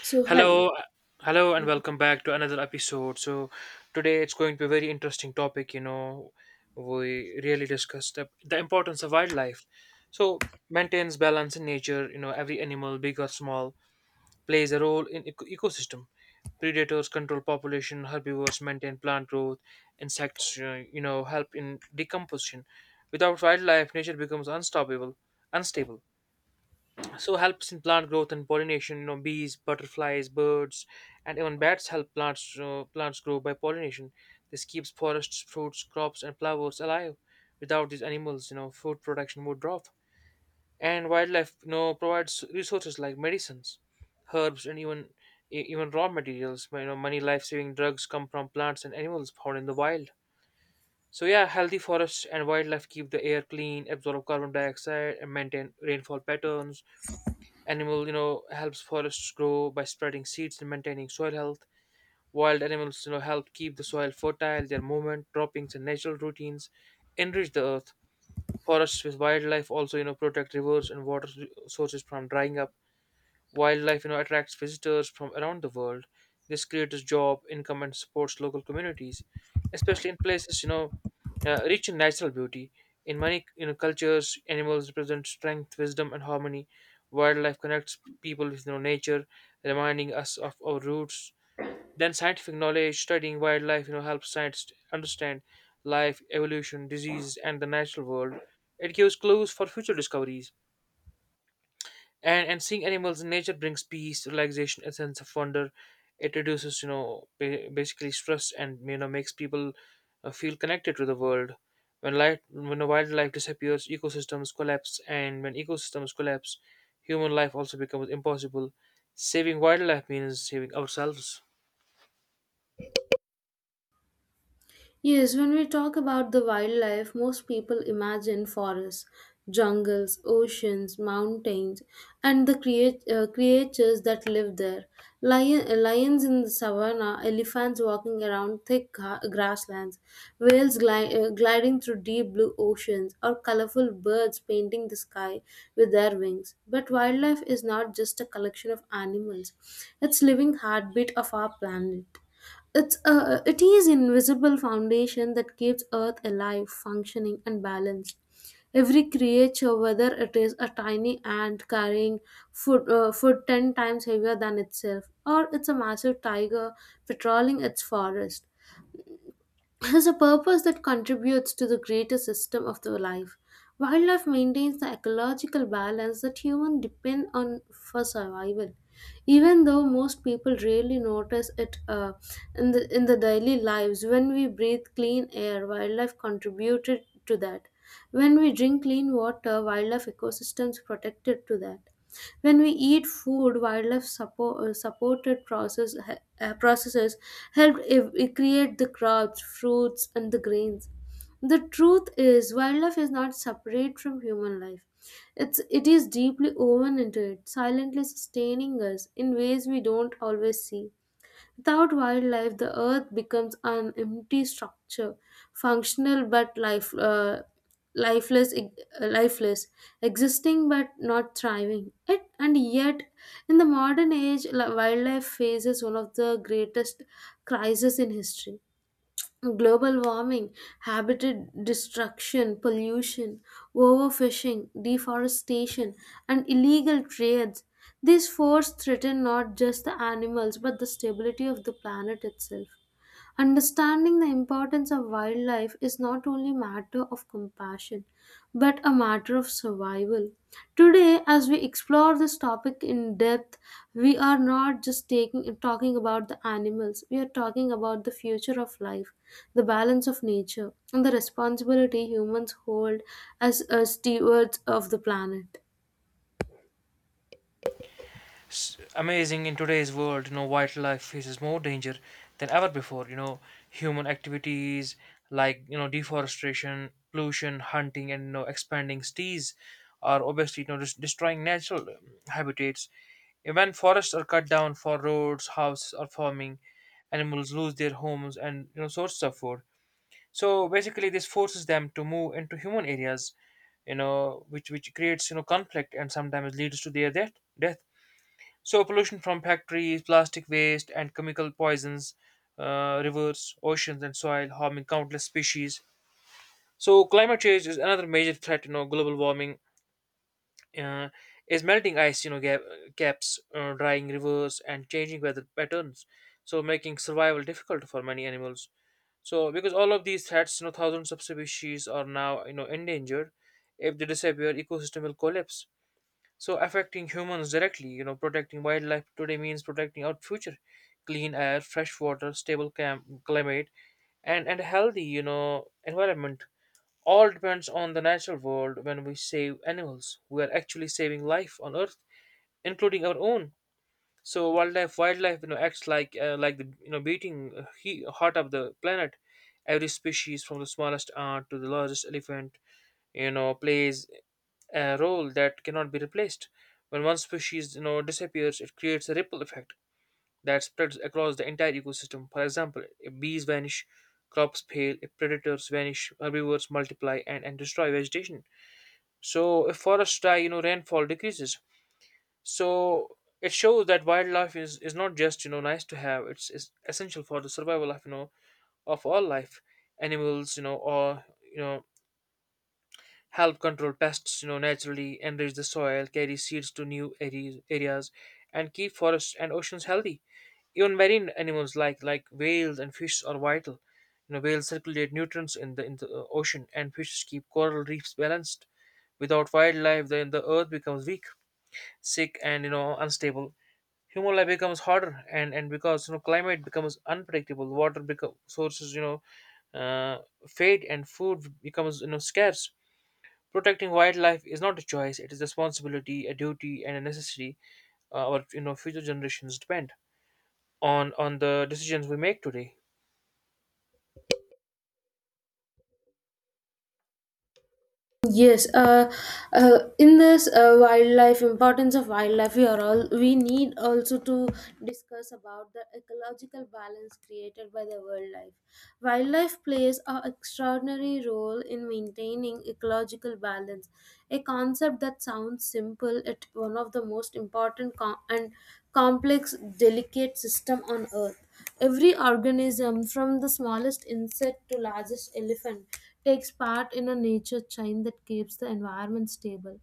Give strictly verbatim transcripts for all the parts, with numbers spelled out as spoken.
So, Hello, hello. uh, hello, and welcome back to another episode. So today it's going to be a very interesting topic. You know, we really discussed the, the importance of wildlife. So maintains balance in nature. You know, every animal, big or small, plays a role in eco- ecosystem. Predators control population. Herbivores maintain plant growth. Insects, uh, you know, help in decomposition. Without wildlife, nature becomes unstoppable, unstable, so helps in plant growth and pollination. You know, bees, butterflies, birds, and even bats help plants uh, plants grow by pollination. This keeps forests, fruits, crops, and flowers alive. Without these animals, you know, food production would drop. And wildlife, you know, provides resources like medicines, herbs, and even e- even raw materials. You know, many life-saving drugs come from plants and animals found in the wild. So yeah, healthy forests and wildlife keep the air clean, absorb carbon dioxide, and maintain rainfall patterns. Animal, you know, helps forests grow by spreading seeds and maintaining soil health. Wild animals, you know, help keep the soil fertile. Their movement, droppings, and natural routines enrich the earth. Forests with wildlife also, you know, protect rivers and water sources from drying up. Wildlife, you know, attracts visitors from around the world. This creates job, income, and supports local communities, especially in places, you know, uh, rich in natural beauty. In many, you know, cultures, animals represent strength, wisdom, and harmony. Wildlife connects p- people with, you know, nature, reminding us of our roots. Then scientific knowledge, studying wildlife, you know, helps scientists understand life, evolution, disease, and the natural world. It gives clues for future discoveries, and and seeing animals in nature brings peace, relaxation, a sense of wonder. It reduces, you know, ba- basically stress, and you know, makes people uh, feel connected to the world. When life when the wildlife disappears, ecosystems collapse, and when ecosystems collapse, human life also becomes impossible. Saving wildlife means saving ourselves. Yes, when we talk about the wildlife, most people imagine forests, jungles, oceans, mountains, and the creat- uh, creatures that live there. Lion- uh, lions in the savannah, elephants walking around thick gra- grasslands, whales gli- uh, gliding through deep blue oceans, or colorful birds painting the sky with their wings. But wildlife is not just a collection of animals, it's living heartbeat of our planet. It's a, it is invisible foundation that keeps Earth alive, functioning, and balanced. Every creature, whether it is a tiny ant carrying food, uh, food ten times heavier than itself, or it's a massive tiger patrolling its forest, has a purpose that contributes to the greater system of the life. Wildlife maintains the ecological balance that humans depend on for survival. Even though most people rarely notice it uh, in, the, in the daily lives, when we breathe clean air, wildlife contributed to that. When we drink clean water, wildlife ecosystems protected to that. When we eat food, wildlife support, supported process, uh, processes help ev- create the crops, fruits, and the grains. The truth is, wildlife is not separate from human life. It's, it is deeply woven into it, silently sustaining us in ways we don't always see. Without wildlife, the earth becomes an empty structure, functional but life, uh, lifeless, e, uh, lifeless, existing but not thriving. It, and yet, in the modern age, li- wildlife faces one of the greatest crises in history: global warming, habitat destruction, pollution, overfishing, deforestation, and illegal trades. These forces threaten not just the animals but the stability of the planet itself. Understanding the importance of wildlife is not only a matter of compassion, but a matter of survival. Today, as we explore this topic in depth, we are not just taking, talking about the animals, we are talking about the future of life, the balance of nature, and the responsibility humans hold as uh, stewards of the planet. S- amazing. In today's world, you know, wildlife faces more danger than ever before. You know, human activities like, you know, deforestation, pollution, hunting, and, you know, expanding cities are obviously, you know, des- destroying natural um, habitats. When forests are cut down for roads, houses, or farming, animals lose their homes and, you know, sources of food. So basically this forces them to move into human areas, you know, which which creates, you know, conflict, and sometimes leads to their death death So pollution from factories, plastic waste, and chemical poisons, uh, rivers, oceans, and soil, harming countless species. So climate change is another major threat. You know, global warming uh, is melting ice. You know, gap, caps, uh, drying rivers, and changing weather patterns, so making survival difficult for many animals. So because all of these threats, you know, thousands of species are now, you know, endangered. If they disappear, ecosystem will collapse, so affecting humans directly. You know, protecting wildlife today means protecting our future. Clean air, fresh water, stable cam- climate, and and healthy, you know, environment, all depends on the natural world. When we save animals, we are actually saving life on earth, including our own. So wildlife wildlife, you know, acts like uh, like the, you know, beating, uh, he- heart of the planet. Every species, from the smallest ant to the largest elephant, you know, plays a role that cannot be replaced. When one species, you know, disappears, it creates a ripple effect that spreads across the entire ecosystem. For example, if bees vanish, crops fail. If predators vanish, herbivores multiply and, and destroy vegetation. So if forests die, you know, rainfall decreases. So it shows that wildlife is, is not just, you know, nice to have. It's, it's essential for the survival of, you know, of all life. Animals, you know, or you know, help control pests. You know, naturally enrich the soil, carry seeds to new areas areas, and keep forests and oceans healthy. Even marine animals like like whales and fish are vital. You know, whales circulate nutrients in the in the uh, ocean, and fishes keep coral reefs balanced. Without wildlife, then the earth becomes weak, sick, and, you know, unstable. Human life becomes harder, and and because, you know, climate becomes unpredictable, water become sources, you know uh, fade, and food becomes, you know, scarce. Protecting wildlife is not a choice; it is a responsibility, a duty, and a necessity. Uh, our you know future generations depend on on the decisions we make today. Yes, uh, uh, in this uh, wildlife importance of wildlife, we are all we need also to discuss about the ecological balance created by the wildlife. Wildlife plays an extraordinary role in maintaining ecological balance, a concept that sounds simple yet one of the most important com- and complex, delicate system on Earth. Every organism, from the smallest insect to largest elephant, takes part in a nature chain that keeps the environment stable.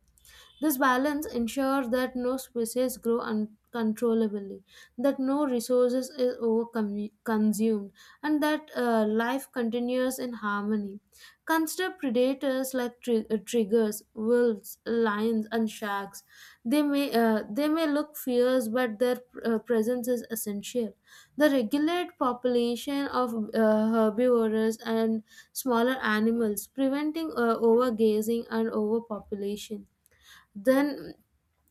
This balance ensures that no species grow uncontrollably, that no resources is over-consumed, and that uh, life continues in harmony. Consider predators like tri- uh, triggers, wolves, lions, and sharks. They may uh, they may look fierce, but their uh, presence is essential. The regulate population of uh, herbivores and smaller animals, preventing uh, overgazing and overpopulation. Then,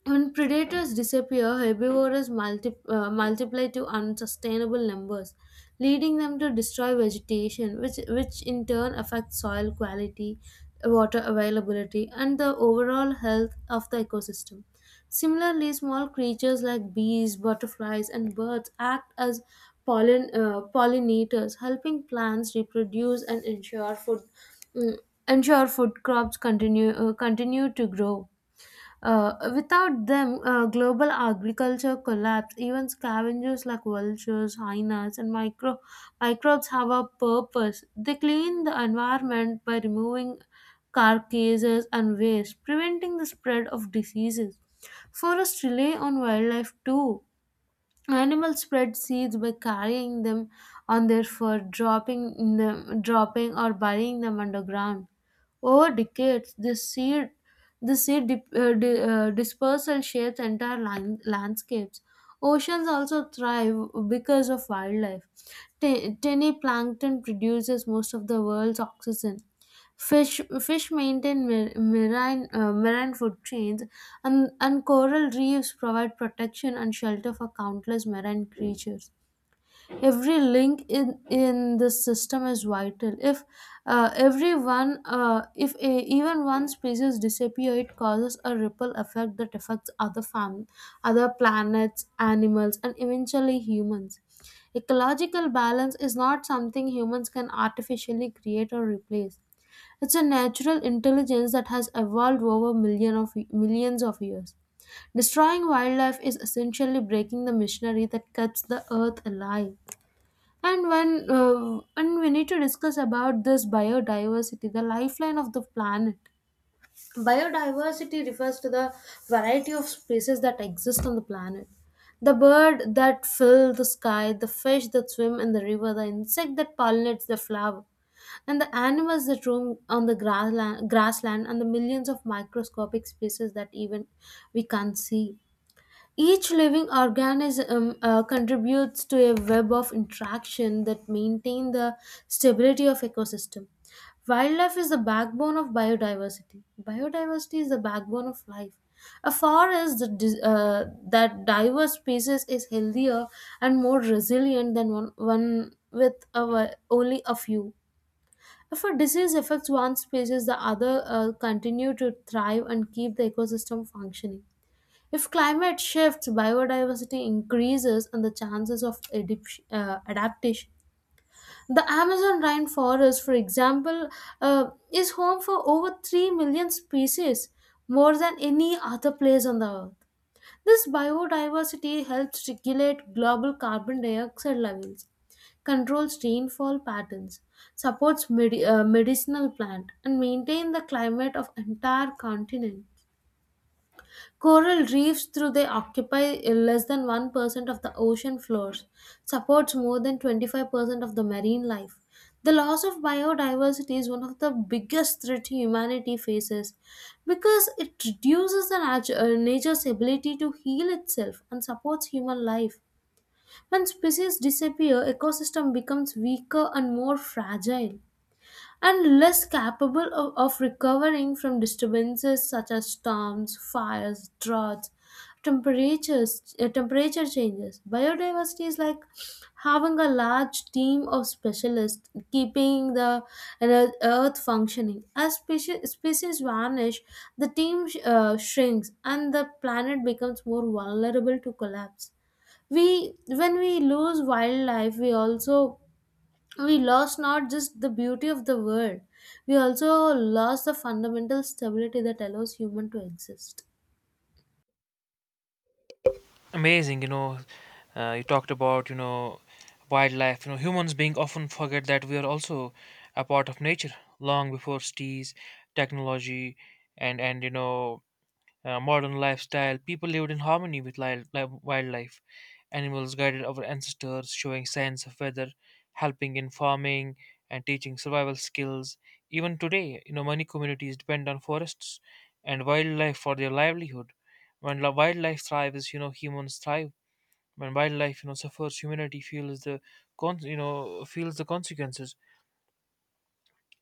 when predators disappear, herbivores multi- uh, multiply to unsustainable numbers, leading them to destroy vegetation, which, which in turn affects soil quality, water availability, and the overall health of the ecosystem. Similarly, small creatures like bees, butterflies, and birds act as pollin- uh, pollinators, helping plants reproduce and ensure food, mm, ensure food crops continue uh, continue to grow. Uh, without them, uh, global agriculture collapsed. Even scavengers like vultures, hyenas, and micro- microbes have a purpose. They clean the environment by removing carcasses and waste, preventing the spread of diseases. Forests rely on wildlife too. Animals spread seeds by carrying them on their fur, dropping in them, dropping or burying them underground. Over decades, this seed, this seed dip, uh, di, uh, dispersal shapes entire land, landscapes. Oceans also thrive because of wildlife. T- tiny plankton produces most of the world's oxygen. Fish, fish maintain mar- marine, uh, marine food chains and, and coral reefs provide protection and shelter for countless marine creatures. Every link in, in this system is vital. If uh, everyone, uh, if a, even one species disappears, it causes a ripple effect that affects other fam- other planets, animals, and eventually humans. Ecological balance is not something humans can artificially create or replace. It's a natural intelligence that has evolved over million of, millions of years. Destroying wildlife is essentially breaking the machinery that keeps the earth alive. And when, uh, and we need to discuss about this biodiversity, the lifeline of the planet. Biodiversity refers to the variety of species that exist on the planet. The bird that fill the sky, the fish that swim in the river, the insect that pollinates the flower, and the animals that roam on the grassland, grassland and the millions of microscopic species that even we can't see. Each living organism uh, contributes to a web of interaction that maintain the stability of ecosystem. Wildlife is the backbone of biodiversity. Biodiversity is the backbone of life. A forest that, dis- uh, that diverse species is healthier and more resilient than one, one with a, only a few. If a disease affects one species, the other uh, continue to thrive and keep the ecosystem functioning. If climate shifts, biodiversity increases, and the chances of adip- uh, adaptation. The Amazon rainforest, for example, uh, is home for over three million species, more than any other place on the earth. This biodiversity helps regulate global carbon dioxide levels, controls rainfall patterns, supports medi- uh, medicinal plant, and maintain the climate of entire continent. Coral reefs though they occupy uh, less than one percent of the ocean floors, supports more than twenty-five percent of the marine life. The loss of biodiversity is one of the biggest threat humanity faces because it reduces the nat- uh, nature's ability to heal itself and supports human life. When species disappear, ecosystem becomes weaker and more fragile and less capable of, of recovering from disturbances such as storms, fires, droughts, temperatures, uh, temperature changes. Biodiversity is like having a large team of specialists keeping the earth earth functioning. As species, species vanish, the team sh- uh, shrinks and the planet becomes more vulnerable to collapse. We, when we lose wildlife, we also we lost not just the beauty of the world, we also lost the fundamental stability that allows human to exist. Amazing, you know. Uh, you talked about, you know, wildlife. You know, humans being often forget that we are also a part of nature. Long before cities, technology, and and you know uh, modern lifestyle, people lived in harmony with li- li- wildlife. Animals guided our ancestors, showing signs of weather, helping in farming, and teaching survival skills. Even today, you know, many communities depend on forests and wildlife for their livelihood. When li- wildlife thrives, you know, humans thrive. When wildlife, you know, suffers, humanity feels the, con- you know, feels the consequences,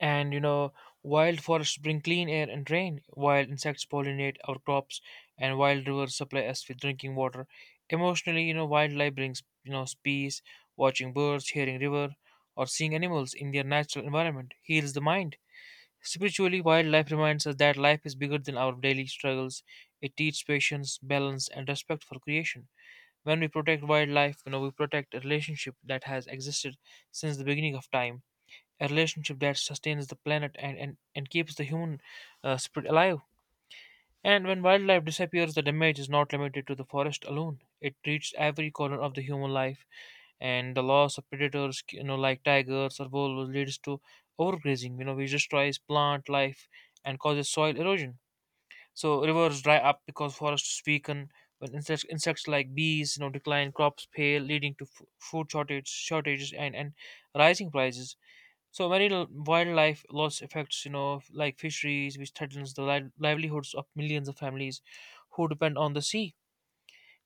and you know, wild forests bring clean air and rain. Wild insects pollinate our crops, and wild rivers supply us with drinking water. Emotionally, you know, wildlife brings, you know, peace. Watching birds, hearing river, or seeing animals in their natural environment heals the mind. Spiritually, wildlife reminds us that life is bigger than our daily struggles. It teaches patience, balance, and respect for creation. When we protect wildlife, you know, we protect a relationship that has existed since the beginning of time, a relationship that sustains the planet, and, and, and keeps the human, uh, spirit alive. And when wildlife disappears, the damage is not limited to the forest alone. It reaches every corner of the human life. And the loss of predators, you know, like tigers or wolves, leads to overgrazing, you know, which destroys plant life and causes soil erosion. So rivers dry up because forests weaken. When insects, insects like bees, you know, decline, crops fail, leading to f- food shortage, shortages, and, and rising prices. So many l- wildlife loss affects, you know, like fisheries, which threatens the li- livelihoods of millions of families who depend on the sea.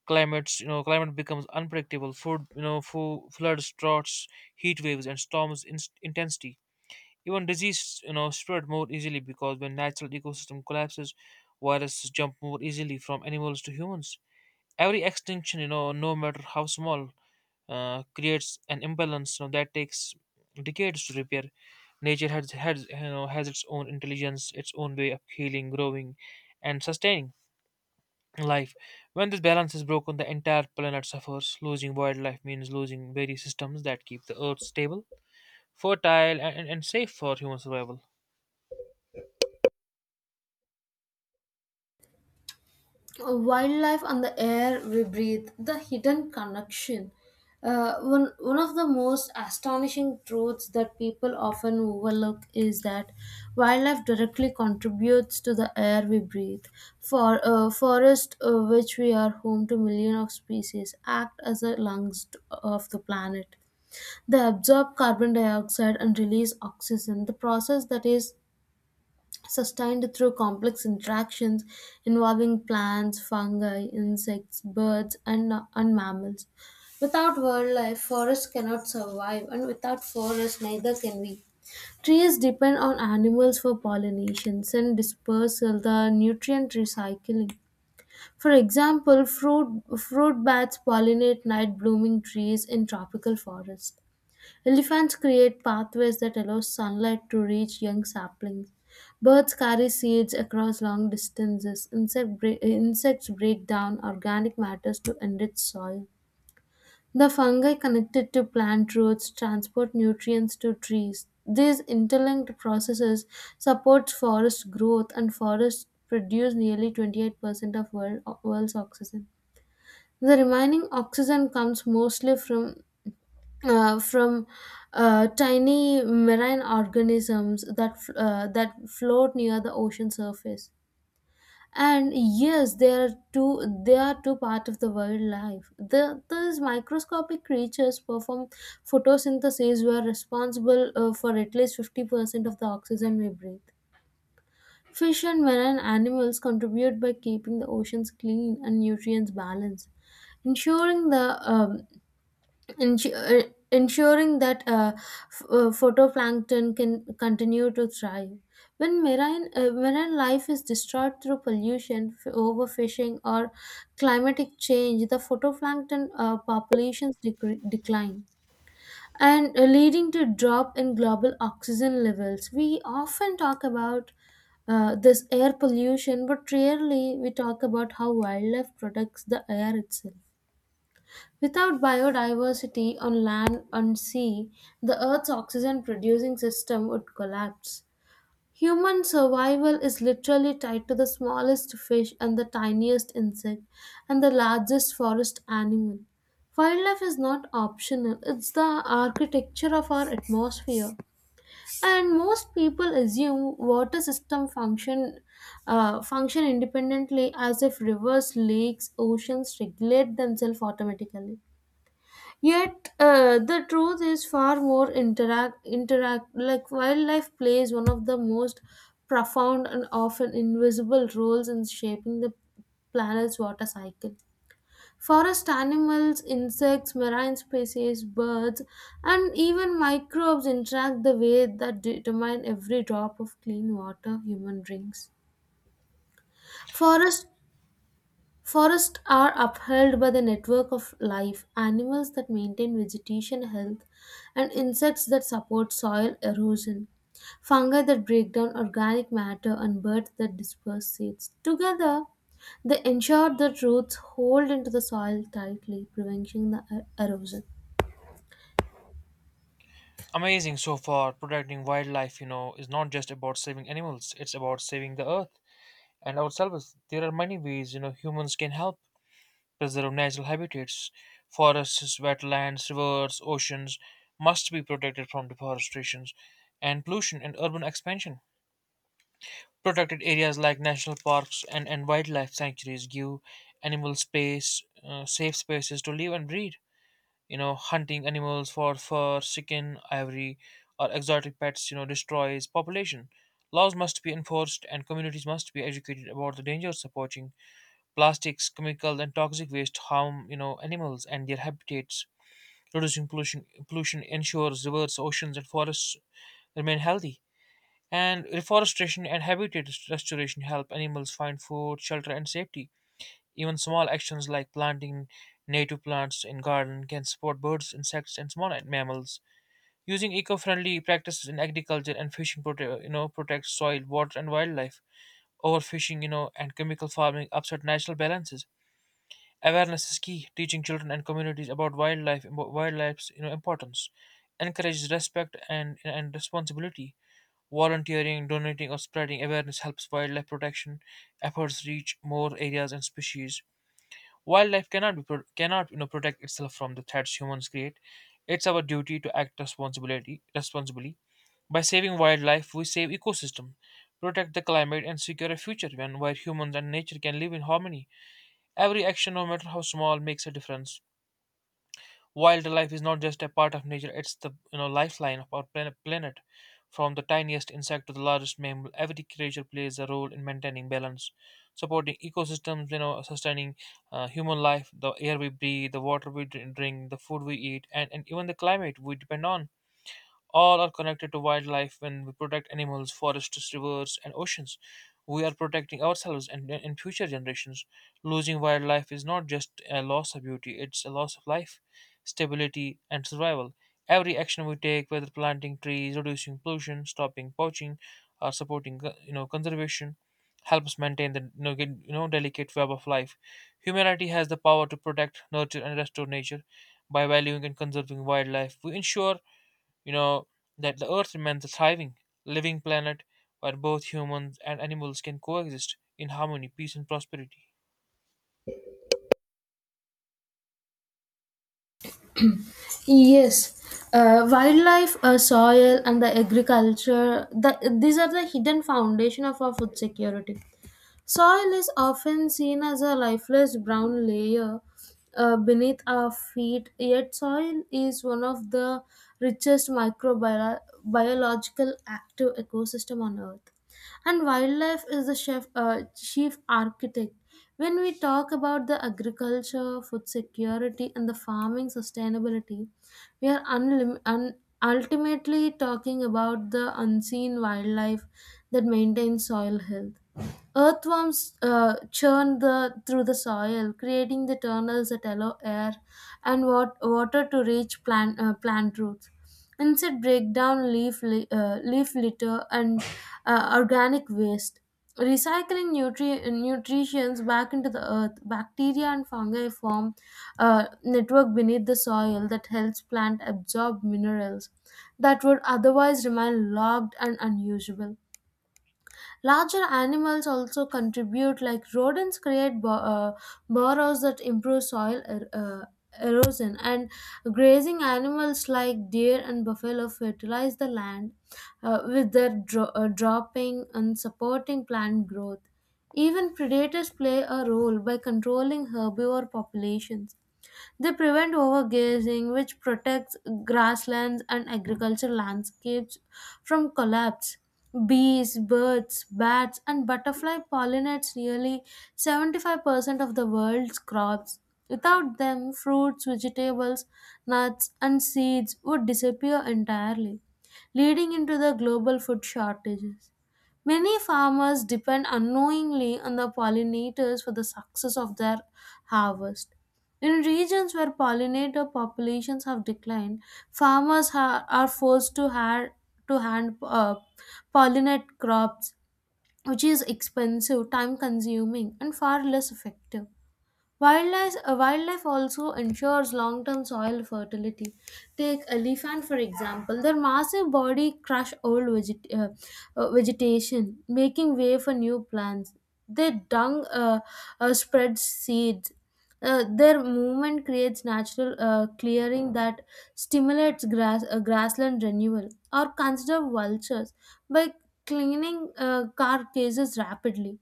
Climates, you know, climate becomes unpredictable. Food, you know, fo- floods, droughts, heat waves, and storms in- intensity. Even disease, you know, spread more easily, because when natural ecosystem collapses, viruses jump more easily from animals to humans. Every extinction, you know, no matter how small, uh, creates an imbalance, you know, that takes decades to repair. Nature has has you know has its own intelligence, its own way of healing, growing, and sustaining life. When this balance is broken, the entire planet suffers. Losing wildlife means losing various systems that keep the Earth stable, fertile, and, and and safe for human survival. Uh, wildlife and the air we breathe, the hidden connection. Uh, one, one of the most astonishing truths that people often overlook is that wildlife directly contributes to the air we breathe. For uh, forest, uh, which we are home to millions of species, act as the lungs of the planet. They absorb carbon dioxide and release oxygen, the process that is sustained through complex interactions involving plants, fungi, insects, birds, and, and mammals. Without wildlife, forests cannot survive, and without forests, neither can we. Trees depend on animals for pollination and dispersal, the nutrient recycling. For example, fruit, fruit bats pollinate night blooming trees in tropical forests. Elephants create pathways that allow sunlight to reach young saplings. Birds carry seeds across long distances. Insect bre- insects break down organic matters to enrich soil. The fungi connected to plant roots transport nutrients to trees. These interlinked processes support forest growth and forests produce nearly twenty-eight percent of world, world's oxygen. The remaining oxygen comes mostly from uh, from uh, tiny marine organisms that f- uh, that float near the ocean surface. And yes, they are too they are too part of the wildlife. The, these microscopic creatures perform photosynthesis, were responsible uh, for at least fifty percent of the oxygen we breathe. Fish and marine animals contribute by keeping the oceans clean and nutrients balanced, ensuring the um, ensu- uh, ensuring that uh, f- uh, photoplankton can continue to thrive. When marine, uh, marine life is destroyed through pollution, f- overfishing, or climatic change, the photoplankton uh, populations decre- decline and uh, leading to drop in global oxygen levels. We often talk about uh, this air pollution, but rarely we talk about how wildlife protects the air itself. Without biodiversity on land and sea, the Earth's oxygen producing system would collapse. Human survival is literally tied to the smallest fish and the tiniest insect and the largest forest animal. Wildlife is not optional, it's the architecture of our atmosphere. And most people assume water system function uh, function independently as if rivers, lakes, oceans regulate themselves automatically. Yet uh, the truth is far more interact interact like wildlife plays one of the most profound and often invisible roles in shaping the planet's water cycle. Forest animals, insects, marine species, birds, and even microbes interact the way that determine every drop of clean water human drinks. Forest Forests are upheld by the network of life, animals that maintain vegetation health, and insects that support soil erosion, fungi that break down organic matter, and birds that disperse seeds. Together, they ensure that roots hold into the soil tightly, preventing the er- erosion. Amazing so far. Protecting wildlife, you know, is not just about saving animals; it's about saving the Earth and ourselves. There are many ways, you know, humans can help preserve natural habitats. Forests, wetlands, rivers, oceans must be protected from deforestation and pollution and urban expansion. Protected areas like national parks, and, and wildlife sanctuaries, give animal space, uh, safe spaces to live and breed. You know, hunting animals for fur, skin, ivory, or exotic pets, you know, destroys population. Laws must be enforced and communities must be educated about the dangers of poaching. Plastics, chemical, and toxic waste harm, you know, animals and their habitats. Reducing pollution pollution ensures rivers, oceans, and forests remain healthy. And reforestation and habitat restoration help animals find food, shelter, and safety. Even small actions like planting native plants in garden can support birds, insects, and small mammals. Using eco-friendly practices in agriculture and fishing, prote- you know, protects soil, water, and wildlife. Overfishing, you know, and chemical farming upset natural balances. Awareness is key. Teaching children and communities about wildlife, impo- wildlife's, you know, importance, encourages respect and and responsibility. Volunteering, donating, or spreading awareness helps wildlife protection efforts reach more areas and species. Wildlife cannot be pro- cannot you know protect itself from the threats humans create. It's our duty to act responsibility responsibly. By saving wildlife, we save ecosystem, protect the climate, and secure a future when where humans and nature can live in harmony. Every action, no matter how small, makes a difference. Wildlife is not just a part of nature; it's the, you know, lifeline of our planet. planet. From the tiniest insect to the largest mammal, every creature plays a role in maintaining balance, supporting ecosystems. You know, sustaining uh, human life, the air we breathe, the water we dr- drink, the food we eat, and, and even the climate we depend on. All are connected to wildlife. When we protect animals, forests, rivers, and oceans, we are protecting ourselves and, and future generations. Losing wildlife is not just a loss of beauty, it's a loss of life, stability, and survival. Every action we take, whether planting trees, reducing pollution, stopping poaching, or supporting uh, you know conservation, helps maintain the you know, get- you know delicate web of life. Humanity has the power to protect, nurture, and restore nature. By valuing and conserving wildlife, we ensure you know that the earth remains a thriving living planet where both humans and animals can coexist in harmony, peace, and prosperity. Yes, uh, wildlife, uh, soil, and the agriculture. The, these are the hidden foundation of our food security. Soil is often seen as a lifeless brown layer uh, beneath our feet, yet, soil is one of the richest microbiological active ecosystem on earth. And wildlife is the chef, uh, chief architect. When we talk about the agriculture, food security, and the farming sustainability, we are unlim- un- ultimately talking about the unseen wildlife that maintains soil health. Earthworms uh, churn the through the soil, creating the tunnels that allow air and wat- water to reach plant uh, plant roots. Insect break down leaf li- uh, leaf litter and uh, organic waste, recycling nutri- nutrients back into the earth. Bacteria and fungi form a network beneath the soil that helps plant absorb minerals that would otherwise remain locked and unusable. Larger animals also contribute, like rodents create bo- uh, burrows that improve soil er- uh, erosion, and grazing animals like deer and buffalo fertilize the land uh, with their dro- uh, dropping and supporting plant growth. Even predators play a role by controlling herbivore populations. They prevent overgrazing, which protects grasslands and agricultural landscapes from collapse. Bees, birds, bats, and butterfly pollinates nearly seventy-five percent of the world's crops. Without them, fruits, vegetables, nuts, and seeds would disappear entirely, leading into the global food shortages. Many farmers depend unknowingly on the pollinators for the success of their harvest. In regions where pollinator populations have declined, farmers ha- are forced to, ha- to hand uh, pollinate crops, which is expensive, time consuming, and far less effective. Wildlife, uh, wildlife also ensures long term soil fertility. Take elephant for example. Their massive body crush old veget- uh, uh, vegetation, making way for new plants. Their dung uh, uh, spreads seeds. Uh, their movement creates natural uh, clearing that stimulates grass uh, grassland renewal. Or consider vultures by cleaning uh, carcasses rapidly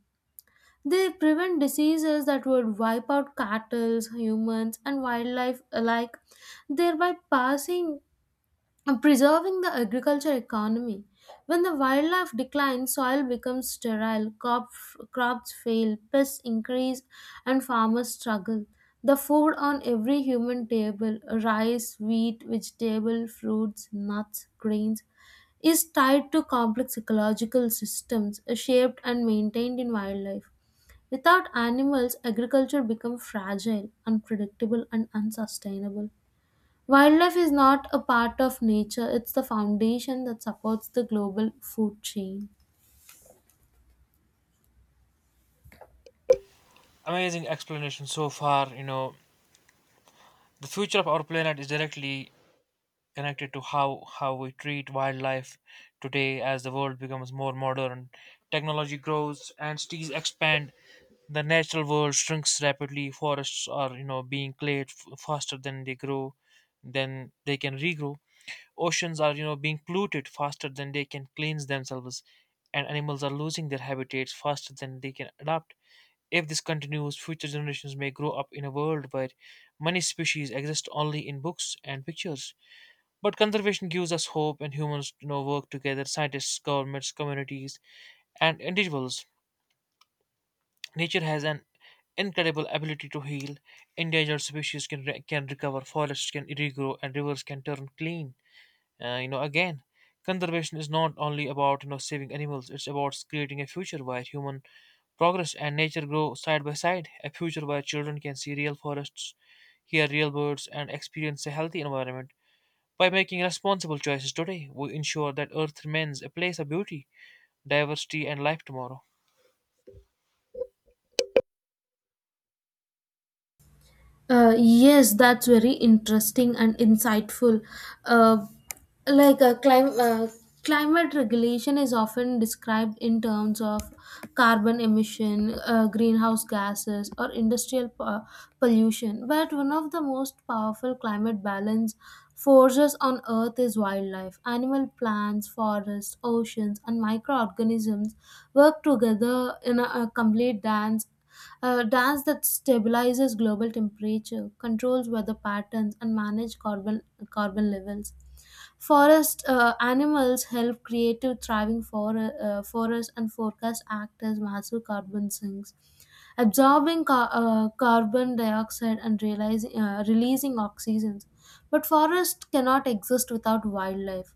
they prevent diseases that would wipe out cattle, humans, and wildlife alike, thereby passing and preserving the agriculture economy. When the wildlife declines, soil becomes sterile, crop, crops fail, pests increase, and farmers struggle. The food on every human table rice, wheat, vegetable, fruits, nuts, grains is tied to complex ecological systems uh, shaped and maintained in wildlife. Without animals, agriculture becomes fragile, unpredictable, and unsustainable. Wildlife is not a part of nature, it's the foundation that supports the global food chain. Amazing explanation so far. You know the future of our planet is directly connected to how how we treat wildlife today. As the world becomes more modern, technology grows and cities expand, the natural world shrinks rapidly. Forests are you know being cleared f- faster than they grow, than they can regrow Oceans are you know being polluted faster than they can cleanse themselves, and animals are losing their habitats faster than they can adapt. If this continues, future generations may grow up in a world where many species exist only in books and pictures. But conservation gives us hope, and humans you know work together: scientists, governments, communities, and individuals. Nature has an incredible ability to heal. Endangered species can, re- can recover, forests can regrow, and rivers can turn clean uh, you know, again. Conservation is not only about you know saving animals; it's about creating a future where human progress and nature grow side by side. A future where children can see real forests, hear real birds, and experience a healthy environment. By making responsible choices today, we ensure that Earth remains a place of beauty, diversity, and life tomorrow. Uh, yes, that's very interesting and insightful. Uh, like, uh, clim- uh, climate regulation is often described in terms of carbon emission, uh, greenhouse gases, or industrial po- pollution. But one of the most powerful climate balance forces on Earth is wildlife. Animal, plants, forests, oceans, and microorganisms work together in a a complete dance a dance that stabilizes global temperature, controls weather patterns, and manages carbon, carbon levels. Forest uh, animals help creative thriving for, uh, forests and forecast act as massive carbon sinks absorbing ca- uh, carbon dioxide and realizing, uh, releasing oxygens. But forests cannot exist without wildlife.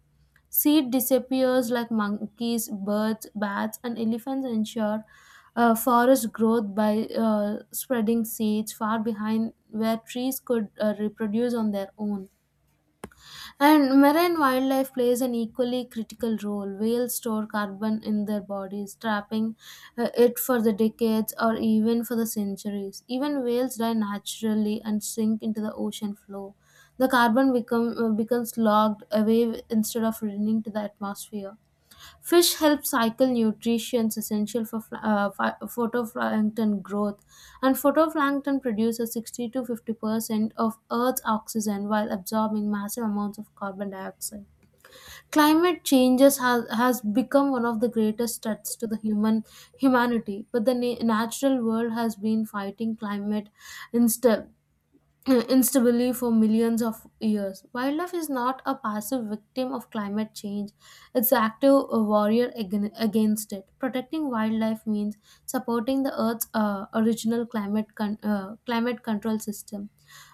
Seed disappears like monkeys, birds, bats, and elephants ensure uh, forest growth by uh, spreading seeds far behind where trees could uh, reproduce on their own. And marine wildlife plays an equally critical role. Whales store carbon in their bodies, trapping uh, it for the decades or even for the centuries. Even whales die naturally and sink into the ocean floor. The carbon become, uh, becomes locked away instead of returning to the atmosphere. Fish help cycle nutrients essential for fla- uh, phy- phytoplankton growth, and phytoplankton produces sixty to fifty percent of Earth's oxygen while absorbing massive amounts of carbon dioxide. Climate changes has, has become one of the greatest threats to the human humanity, but the na- natural world has been fighting climate instead Instability for millions of years. Wildlife is not a passive victim of climate change, it's an active warrior ag- against it. Protecting wildlife means supporting the Earth's uh, original climate, con- uh, climate control system.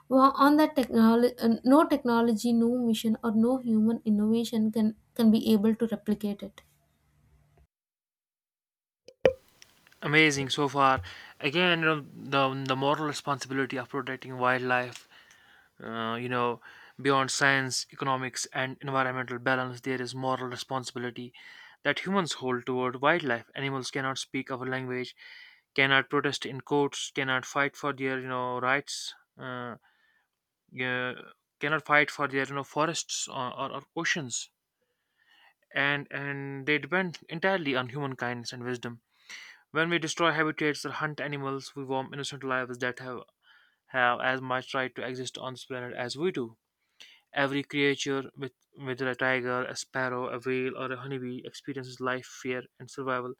Well, on that technology, no technology, no mission, or no human innovation can, can be able to replicate it. Amazing so far. Again, you know, the the moral responsibility of protecting wildlife. Uh, you know, Beyond science, economics, and environmental balance, there is moral responsibility that humans hold toward wildlife. Animals cannot speak our language, cannot protest in courts, cannot fight for their you know rights, uh, yeah, cannot fight for their you know forests or, or, or oceans, and and they depend entirely on human kindness and wisdom. When we destroy habitats or hunt animals, we warm innocent lives that have have as much right to exist on this planet as we do. Every creature, with, whether a tiger, a sparrow, a whale, or a honeybee, experiences life, fear, and survival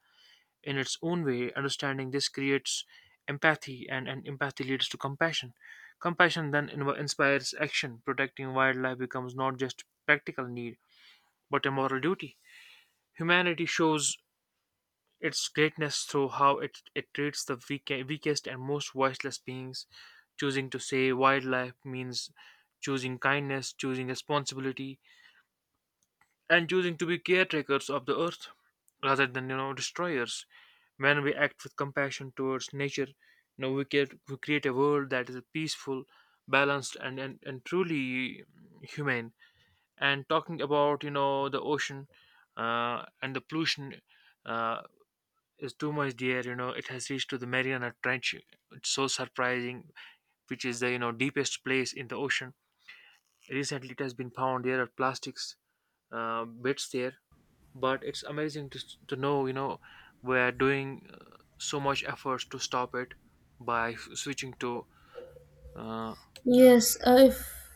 in its own way. Understanding this creates empathy, and, and empathy leads to compassion. Compassion then inv- inspires action. Protecting wildlife becomes not just practical need, but a moral duty. Humanity shows its greatness through how it, it treats the weak, weakest and most voiceless beings. Choosing to save wildlife means choosing kindness, choosing responsibility, and choosing to be caretakers of the earth rather than you know destroyers. When we act with compassion towards nature, you know we create, we create a world that is peaceful, balanced, and, and and truly humane. And talking about you know the ocean uh, and the pollution, uh, is too much there, you know it has reached to the Mariana Trench. It's so surprising, which is the you know deepest place in the ocean. Recently it has been found there are plastics uh, bits there. But it's amazing to, s- to know, you know we're doing uh, so much efforts to stop it by s- switching to uh, Yes, uh, if